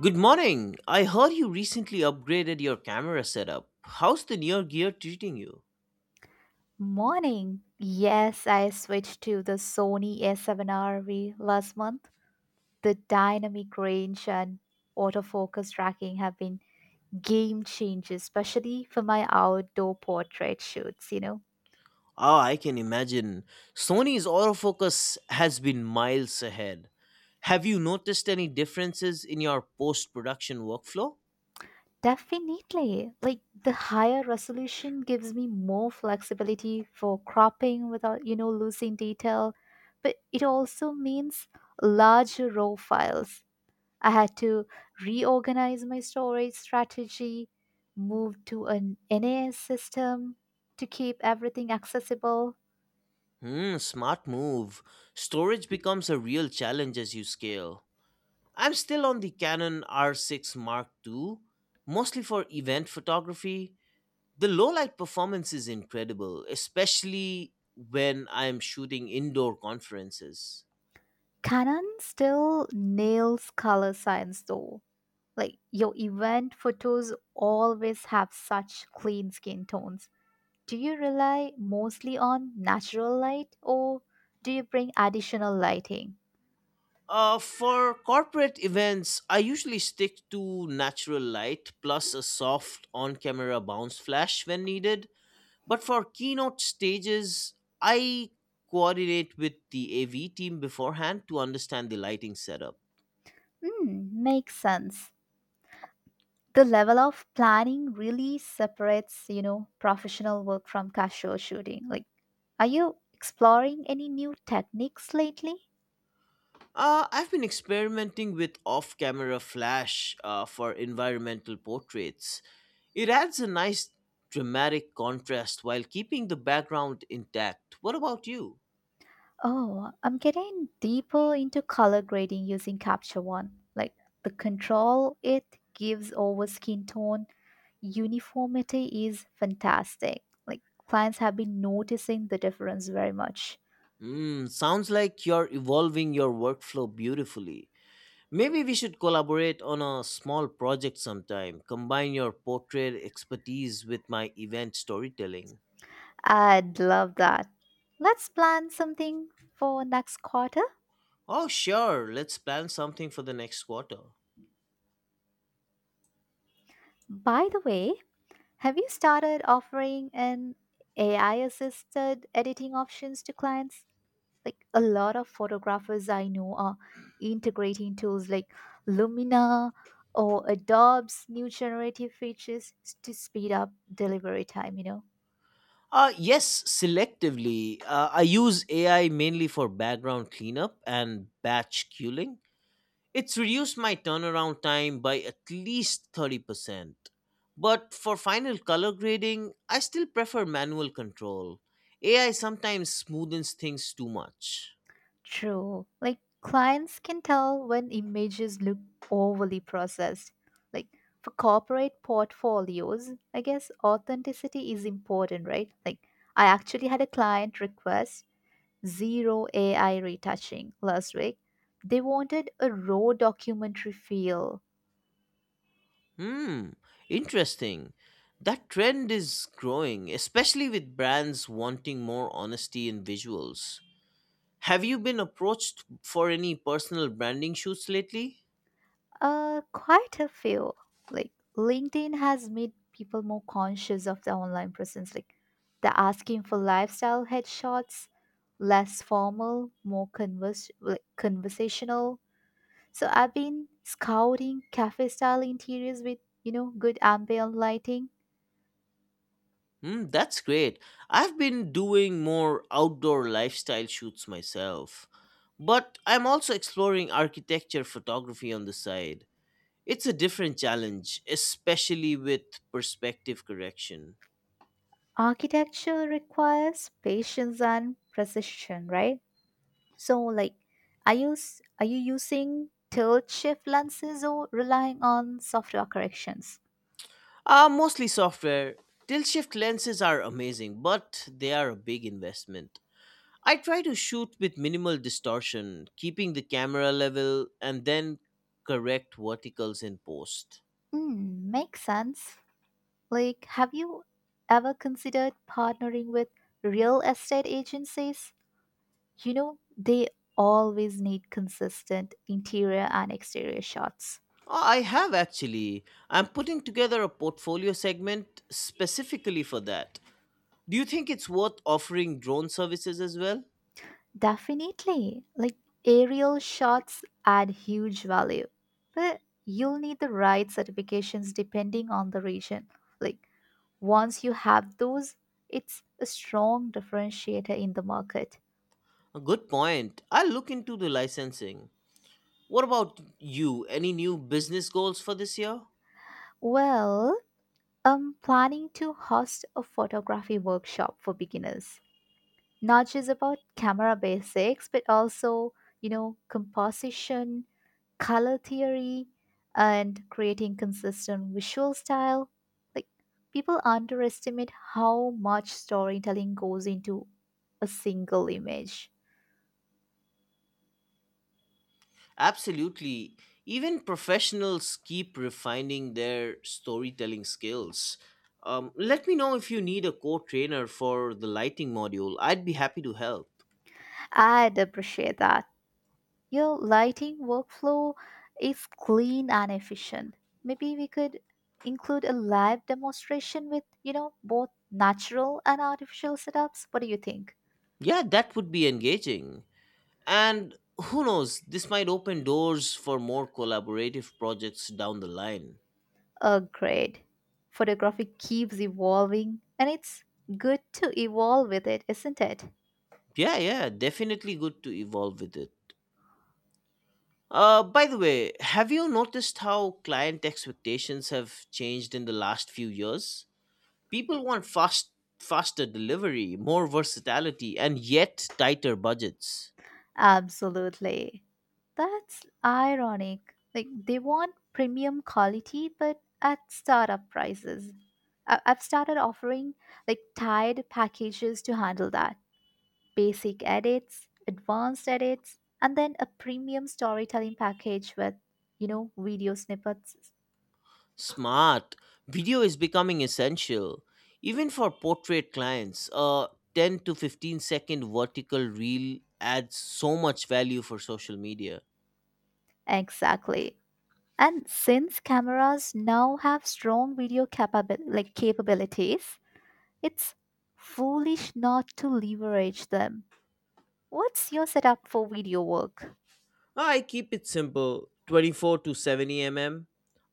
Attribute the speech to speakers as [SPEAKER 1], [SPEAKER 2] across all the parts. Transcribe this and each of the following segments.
[SPEAKER 1] Good morning. I heard you recently upgraded your camera setup. How's the near gear treating you?
[SPEAKER 2] Morning. Yes, I switched to the Sony A7RV last month. The dynamic range and autofocus tracking have been game changers, especially for my outdoor portrait shoots.
[SPEAKER 1] Ah, I can imagine. Sony's autofocus has been miles ahead. Have you noticed any differences in your post production workflow?
[SPEAKER 2] Definitely. Like the higher resolution gives me more flexibility for cropping without losing detail, but it also means larger raw files. I had to reorganize my storage strategy, move to an NAS system to keep everything accessible.
[SPEAKER 1] Hmm, smart move. Storage becomes a real challenge as you scale. I'm still on the Canon R6 Mark II, mostly for event photography. The low light performance is incredible, especially when I'm shooting indoor conferences.
[SPEAKER 2] Canon still nails color science though. Like your event photos always have such clean skin tones. Do you rely mostly on natural light or do you bring additional lighting?
[SPEAKER 1] For corporate events, I usually stick to natural light plus a soft on camera bounce flash when needed. But for keynote stages, I coordinate with the AV team beforehand to understand the lighting setup.
[SPEAKER 2] Hmm, makes sense. The level of planning really separates professional work from casual shooting. Like, are you exploring any new techniques lately?
[SPEAKER 1] I've been experimenting with off camera flash for environmental portraits. It adds a nice dramatic contrast while keeping the background intact. What about you?
[SPEAKER 2] Oh, I'm getting deeper into color grading using capture one. Like the control it gives over skin tone uniformity is fantastic. Like clients have been noticing the difference very much.
[SPEAKER 1] Mm, sounds like you're evolving your workflow beautifully. Maybe we should collaborate on a small project sometime. Combine your portrait expertise with my event storytelling.
[SPEAKER 2] I'd love that. Let's plan something for next quarter.
[SPEAKER 1] Oh, sure. Let's plan something for the next quarter.
[SPEAKER 2] By the way, have you started offering an AI assisted editing options to clients? Like a lot of photographers I know are integrating tools like Lumina or Adobe's new generative features to speed up delivery time, you know?
[SPEAKER 1] Yes, selectively. I use AI mainly for background cleanup and batch queuing. It's reduced my turnaround time by at least 30%. But for final color grading, I still prefer manual control. AI sometimes smoothens things too much.
[SPEAKER 2] True. Like clients can tell when images look overly processed. Like for corporate portfolios, I guess authenticity is important, right? Like I actually had a client request zero AI retouching last week. They wanted a raw documentary feel.
[SPEAKER 1] Hmm, interesting. That trend is growing, especially with brands wanting more honesty in visuals. Have you been approached for any personal branding shoots lately?
[SPEAKER 2] Quite a feel. Like LinkedIn has made people more conscious of their online presence. Like they're asking for lifestyle headshots, less formal, more like, conversational. So I've been scouting cafe style interiors with good ambient lighting.
[SPEAKER 1] Hmm, that's great. I've been doing more outdoor lifestyle shoots myself. But I'm also exploring architecture photography on the side. It's a different challenge, especially with perspective correction.
[SPEAKER 2] Architecture requires patience and precision, right? So, like, are you using tilt shift lenses or relying on software corrections?
[SPEAKER 1] Mostly software. Tilt shift lenses are amazing, but they are a big investment. I try to shoot with minimal distortion, keeping the camera level and then correct verticals in post.
[SPEAKER 2] Makes sense. Like, have you ever considered partnering with real estate agencies? They always need consistent interior and exterior shots.
[SPEAKER 1] Oh, I have actually. I'm putting together a portfolio segment specifically for that. Do you think it's worth offering drone services as well?
[SPEAKER 2] Definitely. Like, aerial shots add huge value, but you'll need the right certifications depending on the region. Like, once you have those, it's a strong differentiator in the market.
[SPEAKER 1] A good point. I'll look into the licensing. What about you? Any new business goals for this year?
[SPEAKER 2] Well, I'm planning to host a photography workshop for beginners. Not just about camera basics, but also, composition, color theory, and creating consistent visual style. Like, people underestimate how much storytelling goes into a single image.
[SPEAKER 1] Absolutely. Even professionals keep refining their storytelling skills. Let me know if you need a co trainer for the lighting module. I'd be happy to help.
[SPEAKER 2] I'd appreciate that. Your lighting workflow is clean and efficient. Maybe we could include a live demonstration with both natural and artificial setups. What do you think?
[SPEAKER 1] Yeah, that would be engaging. And who knows, this might open doors for more collaborative projects down the line.
[SPEAKER 2] Oh, great. Photography keeps evolving and it's good to evolve with it, isn't it?
[SPEAKER 1] Yeah, yeah, definitely good to evolve with it. By the way, have you noticed how client expectations have changed in the last few years? People want faster delivery, more versatility, and yet tighter budgets.
[SPEAKER 2] Absolutely. That's ironic. Like they want premium quality but at startup prices. I've started offering like tied packages to handle that. Basic edits, advanced edits, and then a premium storytelling package with video snippets.
[SPEAKER 1] Smart. Video is becoming essential even for portrait clients. A 10 to 15 second vertical reel adds so much value for social media.
[SPEAKER 2] Exactly. And since cameras now have strong video like capabilities, it's foolish not to leverage them. What's your setup for video work?
[SPEAKER 1] I keep it simple. 24 to 70 mm,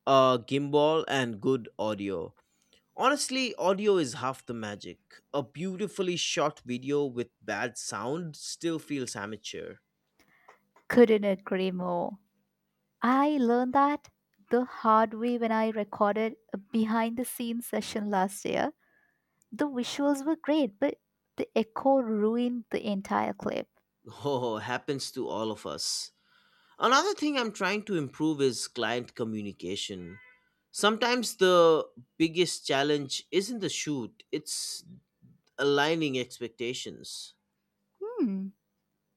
[SPEAKER 1] a gimbal, and good audio. Honestly, audio is half the magic. A beautifully shot video with bad sound still feels amateur.
[SPEAKER 2] Couldn't agree more. I learned that the hard way when I recorded a behind the scenes session last year. The visuals were great, but the echo ruined the entire clip.
[SPEAKER 1] Oh, happens to all of us. Another thing I'm trying to improve is client communication. Sometimes the biggest challenge isn't the shoot, it's aligning expectations.
[SPEAKER 2] Hmm,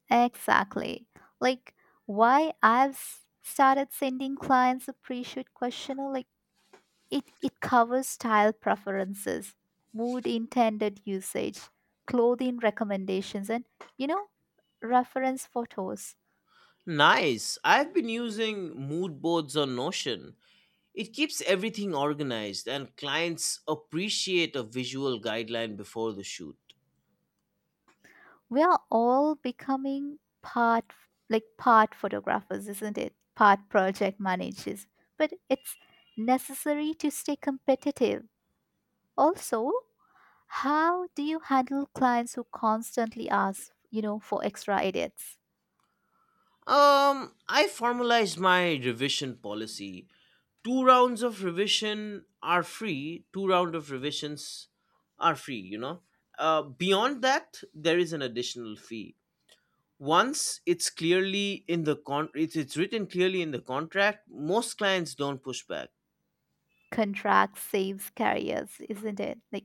[SPEAKER 2] exactly. Like, why I've started sending clients a pre shoot questionnaire. Like, it covers style preferences, mood intended usage, clothing recommendations, and you know, reference photos.
[SPEAKER 1] Nice. I've been using mood boards on Notion. It keeps everything organized and clients appreciate a visual guideline before the shoot.
[SPEAKER 2] We are all becoming part, like part photographers, isn't it? Part project managers. But it's necessary to stay competitive. Also, how do you handle clients who constantly ask for extra edits?
[SPEAKER 1] I formalized my revision policy. Two round of revisions are free. Beyond that there is an additional fee once it's clearly in the con it's written clearly in the contract. Most clients don't push back.
[SPEAKER 2] Contract saves carriers, isn't it? Like,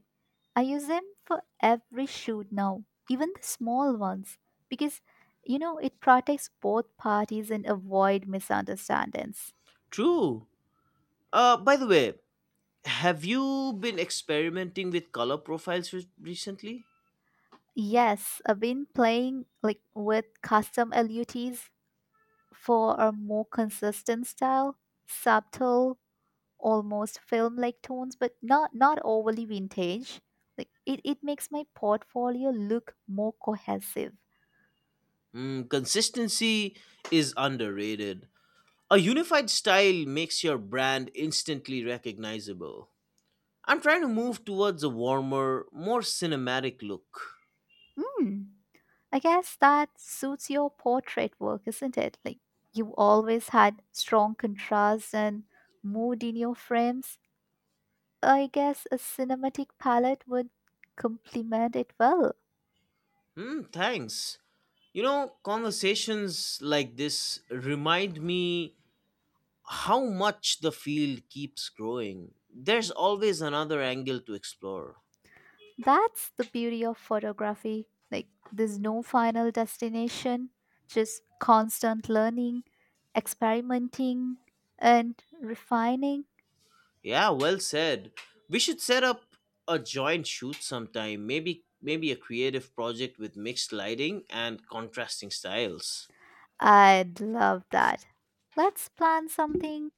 [SPEAKER 2] I use them for every shoot now, even the small ones, because it protects both parties and avoid misunderstandings.
[SPEAKER 1] True. By the way, have you been experimenting with color profiles recently?
[SPEAKER 2] Yes, I've been playing like with custom LUTs for a more consistent style, subtle, almost film-like tones, but not overly vintage. Like, it makes my portfolio look more cohesive.
[SPEAKER 1] Mm, consistency is underrated. A unified style makes your brand instantly recognizable. I'm trying to move towards a warmer, more cinematic look.
[SPEAKER 2] Mm. I guess that suits your portrait work, isn't it? Like you always had strong contrast and mood in your frames. I guess a cinematic palette would complement it well.
[SPEAKER 1] Hmm, thanks. You know, conversations like this remind me how much the field keeps growing. There's always another angle to explore.
[SPEAKER 2] That's the beauty of photography. Like there's no final destination, just constant learning, experimenting, and refining.
[SPEAKER 1] Yeah, well said. We should set up a joint shoot sometime. Maybe a creative project with mixed lighting and contrasting styles.
[SPEAKER 2] I'd love that. Let's plan something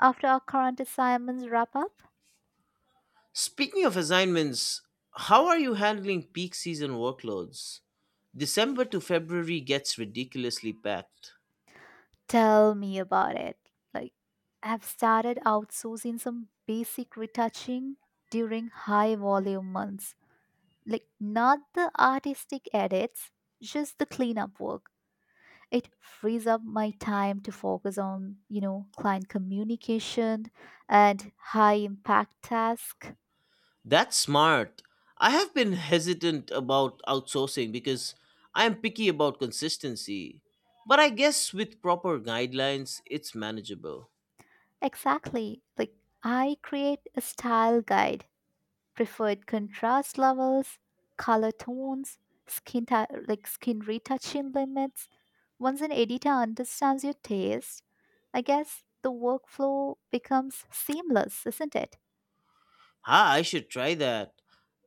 [SPEAKER 2] after our current assignments wrap up.
[SPEAKER 1] Speaking of assignments, how are you handling peak season workloads? December to February gets ridiculously packed.
[SPEAKER 2] Tell me about it. Like, I've started outsourcing some basic retouching during high volume months. Like, not the artistic edits, just the cleanup work. It frees up my time to focus on client communication and high impact tasks.
[SPEAKER 1] That's smart. I have been hesitant about outsourcing because I am picky about consistency. But I guess with proper guidelines, it's manageable.
[SPEAKER 2] Exactly. Like, I create a style guide, preferred contrast levels, color tones, like skin retouching limits. Once an editor understands your taste, I guess the workflow becomes seamless, isn't it?
[SPEAKER 1] Ah, I should try that.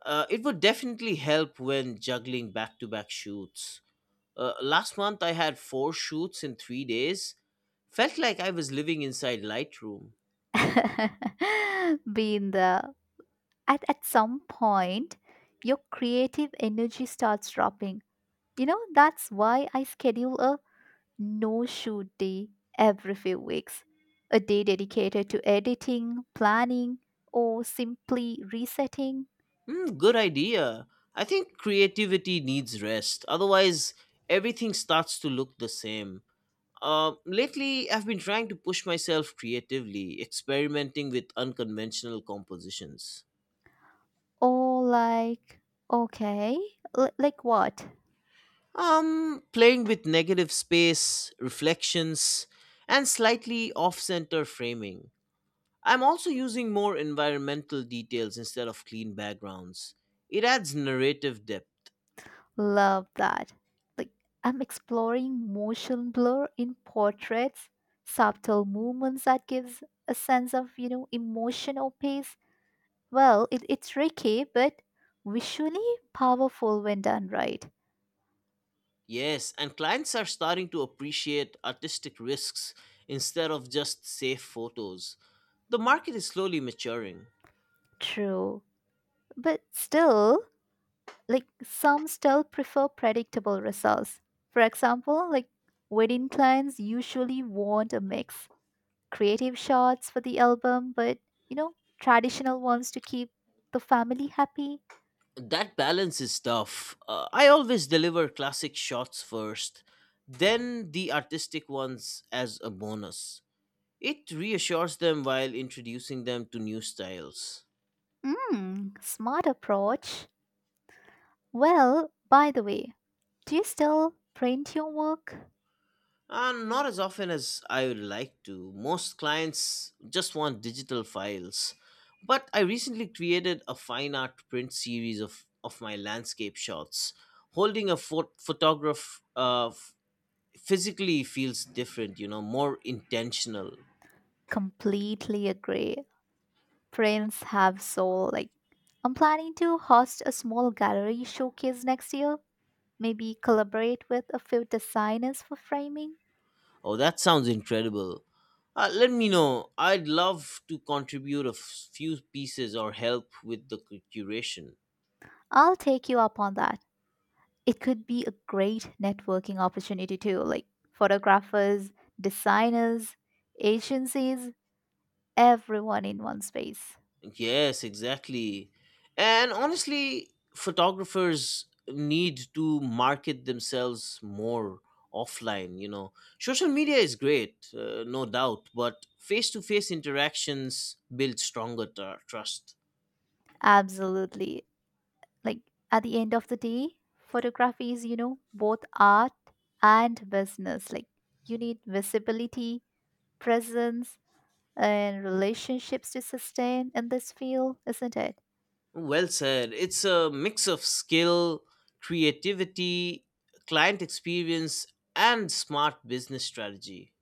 [SPEAKER 1] It would definitely help when juggling back to back shoots. Last month, I had four shoots in 3 days. Felt like I was living inside Lightroom.
[SPEAKER 2] Being the at some point, your creative energy starts dropping. That's why I schedule a no shoot day every few weeks, a day dedicated to editing, planning, or simply resetting.
[SPEAKER 1] Hmm, good idea. I think creativity needs rest. Otherwise, everything starts to look the same. Lately, I've been trying to push myself creatively, experimenting with unconventional compositions.
[SPEAKER 2] Or like, okay, like what?
[SPEAKER 1] Playing with negative space, reflections, and slightly off center framing. I'm also using more environmental details instead of clean backgrounds. It adds narrative depth.
[SPEAKER 2] Love that. Like, I'm exploring motion blur in portraits, subtle movements that gives a sense of emotion or pace. Well, it's tricky, but visually powerful when done right.
[SPEAKER 1] Yes, and clients are starting to appreciate artistic risks instead of just safe photos. The market is slowly maturing.
[SPEAKER 2] True. But still, like some still prefer predictable results. For example, like wedding clients usually want a mix creative shots for the album, but you know, traditional ones to keep the family happy.
[SPEAKER 1] That balance is tough. I always deliver classic shots first, then the artistic ones as a bonus. It reassures them while introducing them to new styles.
[SPEAKER 2] Smart approach. Well, by the way, do you still print your work?
[SPEAKER 1] Not as often as I would like to. Most clients just want digital files. But I recently created a fine art print series of my landscape shots. Holding a photograph physically feels different, you know, more intentional.
[SPEAKER 2] Completely agree. Prints have soul. Like, I'm planning to host a small gallery showcase next year. Maybe collaborate with a few designers for framing.
[SPEAKER 1] Oh, that sounds incredible. Let me know. I'd love to contribute a few pieces or help with the curation.
[SPEAKER 2] I'll take you up on that. It could be a great networking opportunity too, like photographers, designers, agencies, everyone in one space.
[SPEAKER 1] Yes, exactly. And honestly, photographers need to market themselves more offline, you know. Social media is great, no doubt, but face to face interactions build stronger trust.
[SPEAKER 2] Absolutely. Like at the end of the day, photography is both art and business. Like you need visibility, presence, and relationships to sustain in this field, isn't it?
[SPEAKER 1] Well said. It's a mix of skill, creativity, client experience, and smart business strategy.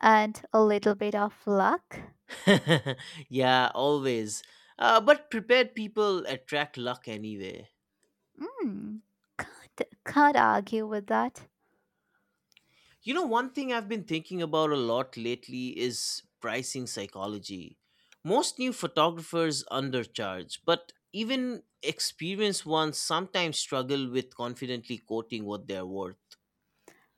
[SPEAKER 2] And a little bit of luck.
[SPEAKER 1] Yeah, always. But prepared people attract luck anyway.
[SPEAKER 2] Mm, can't argue with that.
[SPEAKER 1] You know, one thing I've been thinking about a lot lately is pricing psychology. Most new photographers undercharge, but even experienced ones sometimes struggle with confidently quoting what they're worth.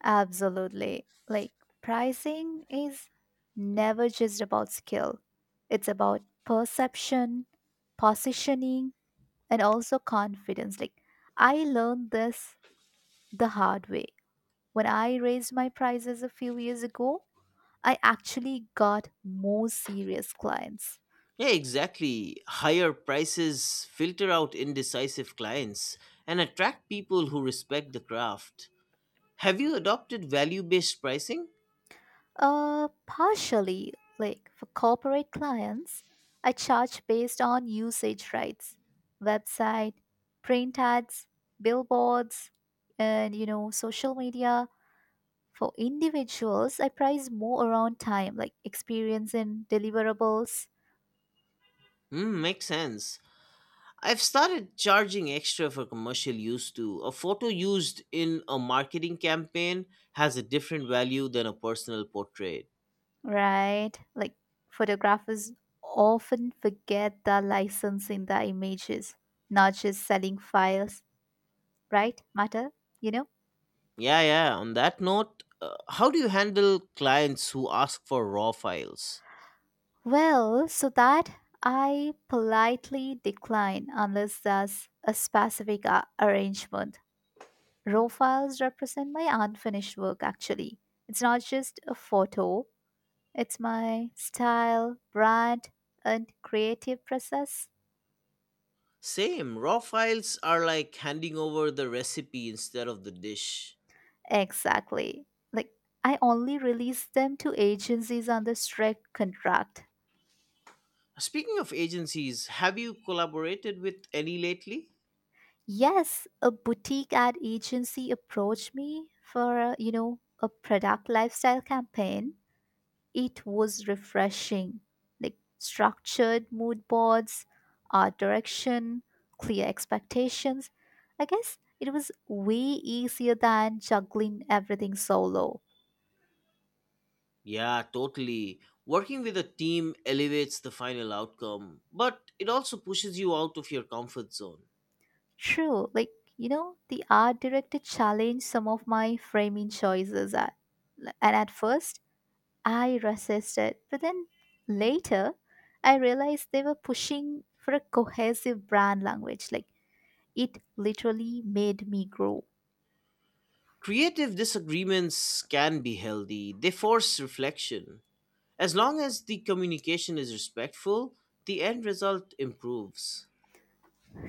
[SPEAKER 2] Absolutely. Like pricing is never just about skill. It's about perception, positioning, and also confidence. Like I learned this the hard way. When I raised my prices a few years ago, I actually got more serious clients.
[SPEAKER 1] Yeah, exactly. Higher prices filter out indecisive clients and attract people who respect the craft. Have you adopted value based pricing?
[SPEAKER 2] Partially, like for corporate clients, I charge based on usage rights, website, print ads, billboards, and social media. For individuals, I price more around time, like experience and deliverables,
[SPEAKER 1] Hmm, makes sense. I've started charging extra for commercial use too. A photo used in a marketing campaign has a different value than a personal portrait.
[SPEAKER 2] right? Like photographers often forget the licensing the images, not just selling files, right? Matter, you know?
[SPEAKER 1] Yeah, yeah. On that note, how do you handle clients who ask for raw files?
[SPEAKER 2] Well, so that I politely decline unless there's a specific arrangement. Raw files represent my unfinished work, actually. It's not just a photo, it's my style, brand, and creative process.
[SPEAKER 1] Same. Raw files are like handing over the recipe instead of the dish.
[SPEAKER 2] Exactly. Like, I only release them to agencies under strict contract.
[SPEAKER 1] Speaking of agencies, have you collaborated with any lately?
[SPEAKER 2] Yes, a boutique ad agency approached me for a product lifestyle campaign. It was refreshing, like structured mood boards, art direction, clear expectations. I guess it was way easier than juggling everything solo.
[SPEAKER 1] Yeah, totally. Working with a team elevates the final outcome, but it also pushes you out of your comfort zone.
[SPEAKER 2] True, like, the art director challenged some of my framing choices at, and at first I resisted, but then later I realized they were pushing for a cohesive brand language. Like, it literally made me grow.
[SPEAKER 1] Creative disagreements can be healthy, they force reflection. As long as the communication is respectful, the end result improves.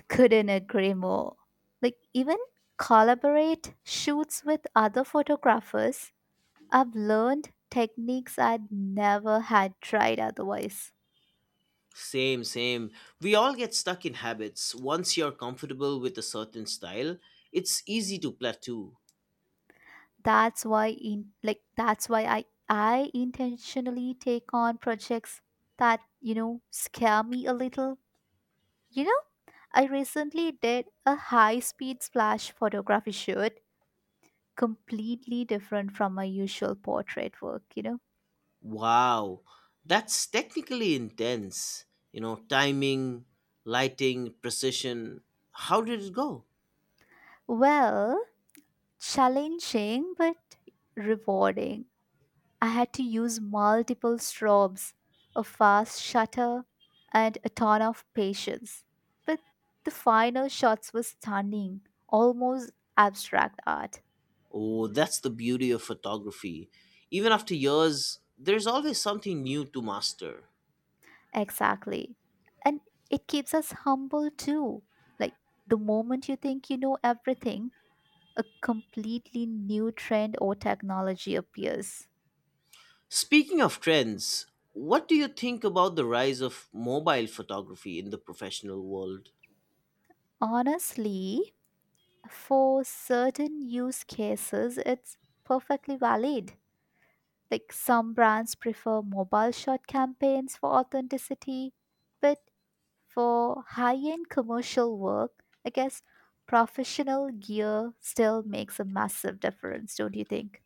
[SPEAKER 2] Couldn't agree more. Like, even collaborate shoots with other photographers, I've learned techniques I'd never had tried otherwise.
[SPEAKER 1] Same, same. We all get stuck in habits. Once you're comfortable with a certain style, it's easy to plateau.
[SPEAKER 2] That's why I intentionally take on projects that scare me a little. You know, I recently did a high-speed splash photography shoot, completely different from my usual portrait work.
[SPEAKER 1] Wow, that's technically intense. You know, timing, lighting, precision. How did it go?
[SPEAKER 2] Well, challenging but rewarding. I had to use multiple strobes, a fast shutter, and a ton of patience. But the final shots were stunning, almost abstract art.
[SPEAKER 1] Oh, that's the beauty of photography. Even after years, there's always something new to master.
[SPEAKER 2] Exactly. And it keeps us humble too. Like the moment you think you know everything, a completely new trend or technology appears.
[SPEAKER 1] Speaking of trends, what do you think about the rise of mobile photography in the professional world?
[SPEAKER 2] Honestly, for certain use cases, it's perfectly valid. Like some brands prefer mobile shot campaigns for authenticity, but for high end commercial work, I guess professional gear still makes a massive difference, don't you think?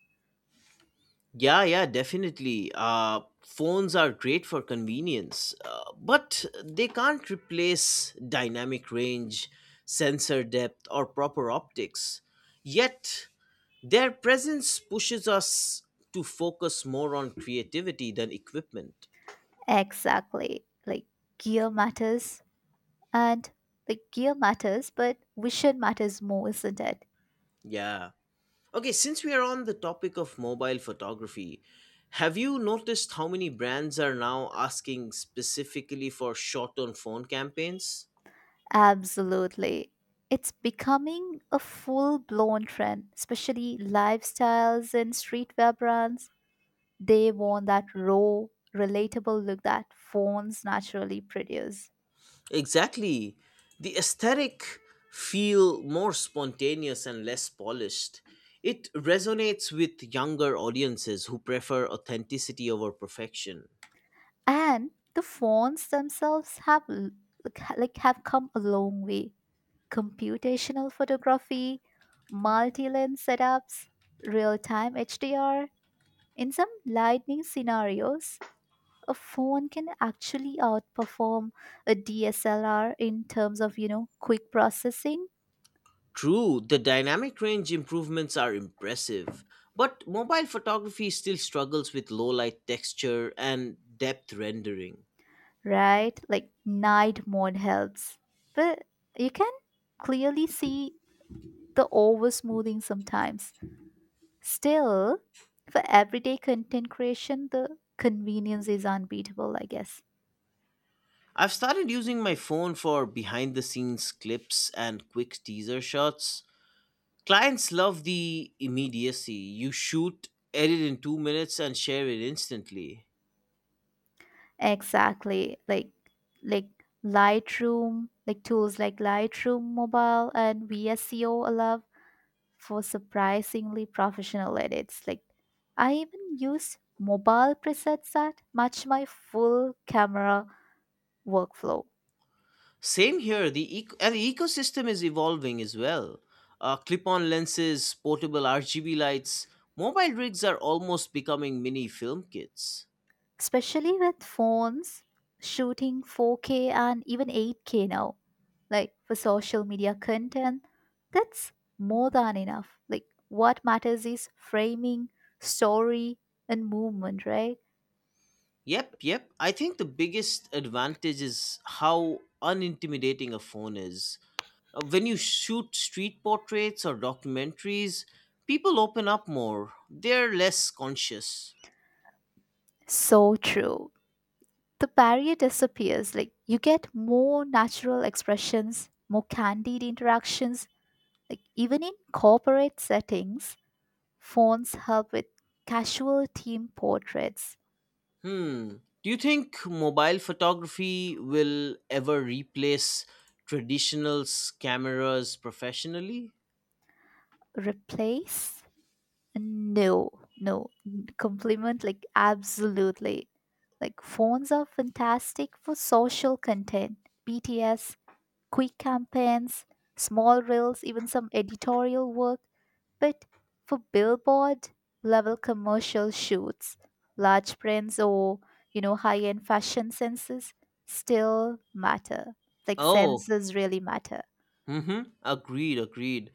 [SPEAKER 1] Yeah, yeah, definitely. Phones are great for convenience, but they can't replace dynamic range, sensor depth, or proper optics. Yet, their presence pushes us to focus more on creativity than equipment.
[SPEAKER 2] Exactly. Gear matters, and like gear matters, but vision matters more, isn't it?
[SPEAKER 1] Yeah. Okay, since we are on the topic of mobile photography, have you noticed how many brands are now asking specifically for shot on phone campaigns?
[SPEAKER 2] Absolutely. It's becoming a full blown trend, especially lifestyles and streetwear brands. They want that raw, relatable look that phones naturally produce.
[SPEAKER 1] Exactly. The aesthetic feel more spontaneous and less polished. It resonates with younger audiences who prefer authenticity over perfection.
[SPEAKER 2] And the phones themselves have like have come a long way. Computational photography, multi-lens setups, real-time HDR. In some lightning scenarios, a phone can actually outperform a DSLR in terms of quick processing,
[SPEAKER 1] True, the dynamic range improvements are impressive, but mobile photography still struggles with low light texture and depth rendering.
[SPEAKER 2] right? Like night mode helps. But you can clearly see the over smoothing sometimes. Still, for everyday content creation, the convenience is unbeatable, I guess.
[SPEAKER 1] I've started using my phone for behind the scenes clips and quick teaser shots. Clients love the immediacy. You shoot, edit in 2 minutes, and share it instantly.
[SPEAKER 2] Exactly. Like Lightroom, like tools like Lightroom Mobile and VSCO allow for surprisingly professional edits. Like I even use mobile presets that match my full camera workflow,
[SPEAKER 1] Same here. The eco- and the ecosystem is evolving as well. Clip-on lenses, portable RGB lights, mobile rigs are almost becoming mini film kits.
[SPEAKER 2] especially with phones shooting 4K and even 8K now. Like for social media content, that's more than enough. Like what matters is framing, story, and movement, right?
[SPEAKER 1] Yep, yep. I think the biggest advantage is how unintimidating a phone is. When you shoot street portraits or documentaries, people open up more. They're less conscious.
[SPEAKER 2] So true. The barrier disappears. Like you get more natural expressions, more candid interactions. Like even in corporate settings, phones help with casual team portraits.
[SPEAKER 1] Hmm. Do you think mobile photography will ever replace traditional cameras professionally?
[SPEAKER 2] Replace? No, no. Compliment? Like absolutely. Like phones are fantastic for social content, BTS, quick campaigns, small reels, even some editorial work. But for billboard level commercial shoots, large prints or high-end fashion senses still matter. Like
[SPEAKER 1] Oh,
[SPEAKER 2] senses really matter.
[SPEAKER 1] mm-hmm. Agreed, agreed.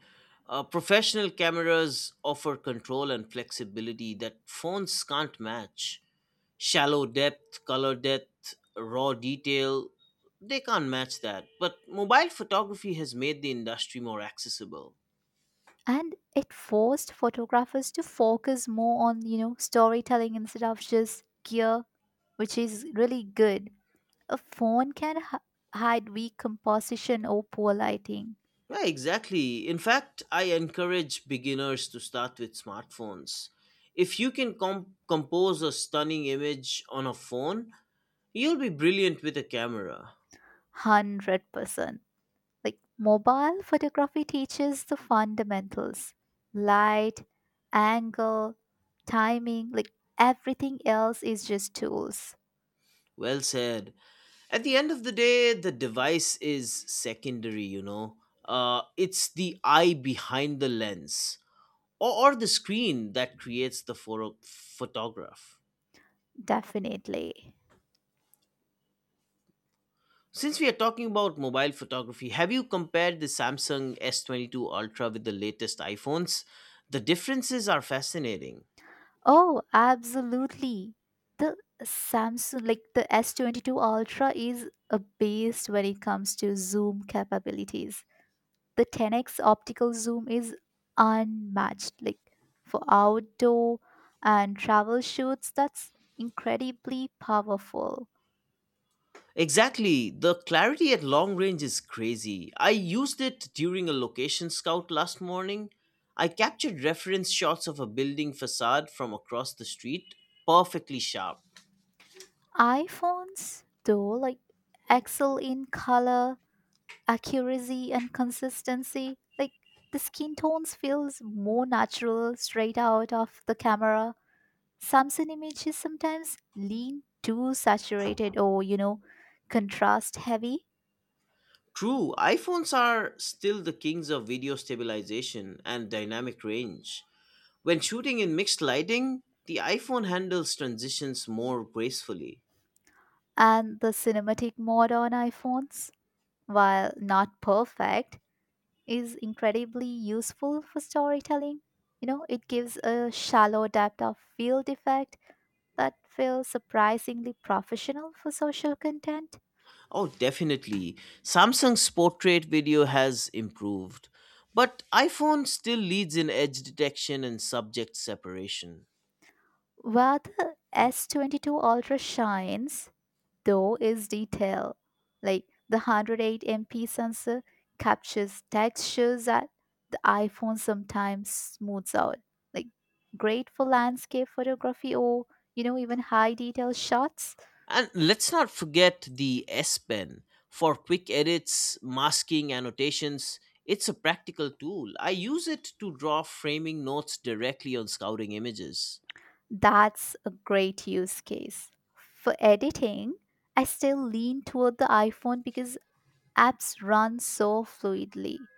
[SPEAKER 1] Professional cameras offer control and flexibility that phones can't match. Shallow depth, color depth, raw detail, they can't match that. But mobile photography has made the industry more accessible.
[SPEAKER 2] And it forced photographers to focus more on storytelling instead of just gear, which is really good. A phone can hide weak composition or poor lighting.
[SPEAKER 1] Yeah, exactly. In fact, I encourage beginners to start with smartphones. If you can compose a stunning image on a phone, you'll be brilliant with a camera.
[SPEAKER 2] 100%. Like mobile photography teaches the fundamentals light, angle, timing, like everything else is just tools.
[SPEAKER 1] Well said. At the end of the day, the device is secondary. It's the eye behind the lens or the screen that creates the photograph.
[SPEAKER 2] Definitely.
[SPEAKER 1] Since we are talking about mobile photography, have you compared the Samsung S22 Ultra with the latest iPhones? The differences are fascinating.
[SPEAKER 2] Oh, absolutely. The Samsung, like the S22 Ultra, is abased when it comes to zoom capabilities. The 10x optical zoom is unmatched. Like for outdoor and travel shoots, that's incredibly powerful.
[SPEAKER 1] Exactly, the clarity at long range is crazy. I used it during a location scout last morning. I captured reference shots of a building facade from across the street, perfectly sharp.
[SPEAKER 2] iPhones, though, like excel in color, accuracy, and consistency. Like the skin tones feels more natural straight out of the camera. Samsung images sometimes lean too saturated or contrast heavy,
[SPEAKER 1] True, iPhones are still the kings of video stabilization and dynamic range. When shooting in mixed lighting, the iPhone handles transitions more gracefully.
[SPEAKER 2] and the cinematic mode on iPhones, while not perfect, is incredibly useful for storytelling. It gives a shallow depth of field effect that feels surprisingly professional for social content.
[SPEAKER 1] Oh, definitely. Samsung's portrait video has improved, but iPhone still leads in edge detection and subject separation.
[SPEAKER 2] Where the S22 Ultra shines, though, is detail. Like the 108 MP sensor captures textures that the iPhone sometimes smooths out. Like great for landscape photography or even high detail shots.
[SPEAKER 1] And let's not forget the S Pen for quick edits, masking, annotations. It's a practical tool. I use it to draw framing notes directly on scouting images.
[SPEAKER 2] That's a great use case. For editing, I still lean toward the iPhone because apps run so fluidly.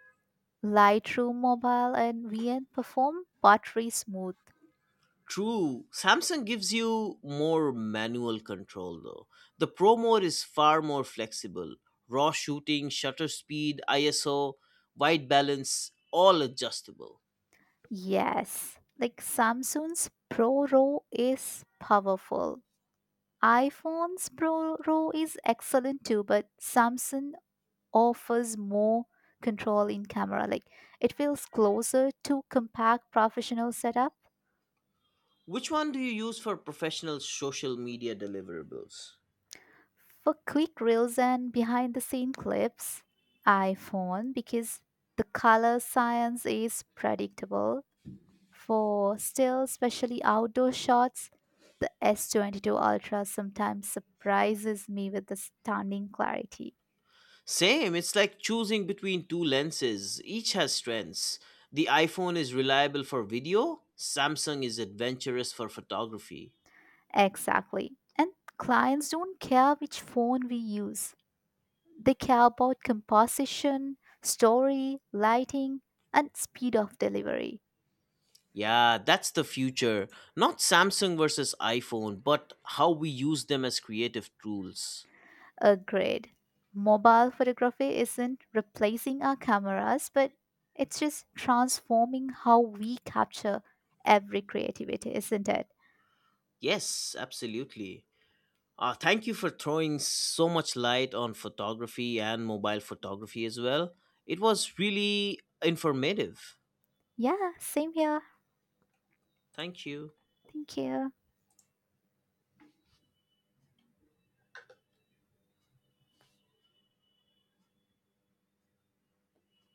[SPEAKER 2] Lightroom Mobile and VN perform buttery smooth.
[SPEAKER 1] True, Samsung gives you more manual control though. The Pro Mode is far more flexible. Raw shooting, shutter speed, ISO, white balance, all adjustable.
[SPEAKER 2] Yes, like Samsung's Pro Raw is powerful. iPhone's Pro Raw is excellent too, but Samsung offers more control in camera. Like it feels closer to compact professional setup.
[SPEAKER 1] Which one do you use for professional social media deliverables?
[SPEAKER 2] For quick reels and behind the scene clips, iPhone because the color science is predictable. For still, especially outdoor shots, the S22 Ultra sometimes surprises me with the stunning clarity.
[SPEAKER 1] Same, it's like choosing between two lenses. Each has strengths. The iPhone is reliable for video, Samsung is adventurous for photography.
[SPEAKER 2] Exactly. And clients don't care which phone we use, they care about composition, story, lighting, and speed of delivery.
[SPEAKER 1] Yeah, that's the future. Not Samsung versus iPhone, but how we use them as creative tools.
[SPEAKER 2] Agreed. Mobile photography isn't replacing our cameras, but it's just transforming how we capture every creativity, isn't it?
[SPEAKER 1] Yes, absolutely. Thank you for throwing so much light on photography and mobile photography as well. It was really informative.
[SPEAKER 2] Yeah, same here.
[SPEAKER 1] Thank you.
[SPEAKER 2] Thank you.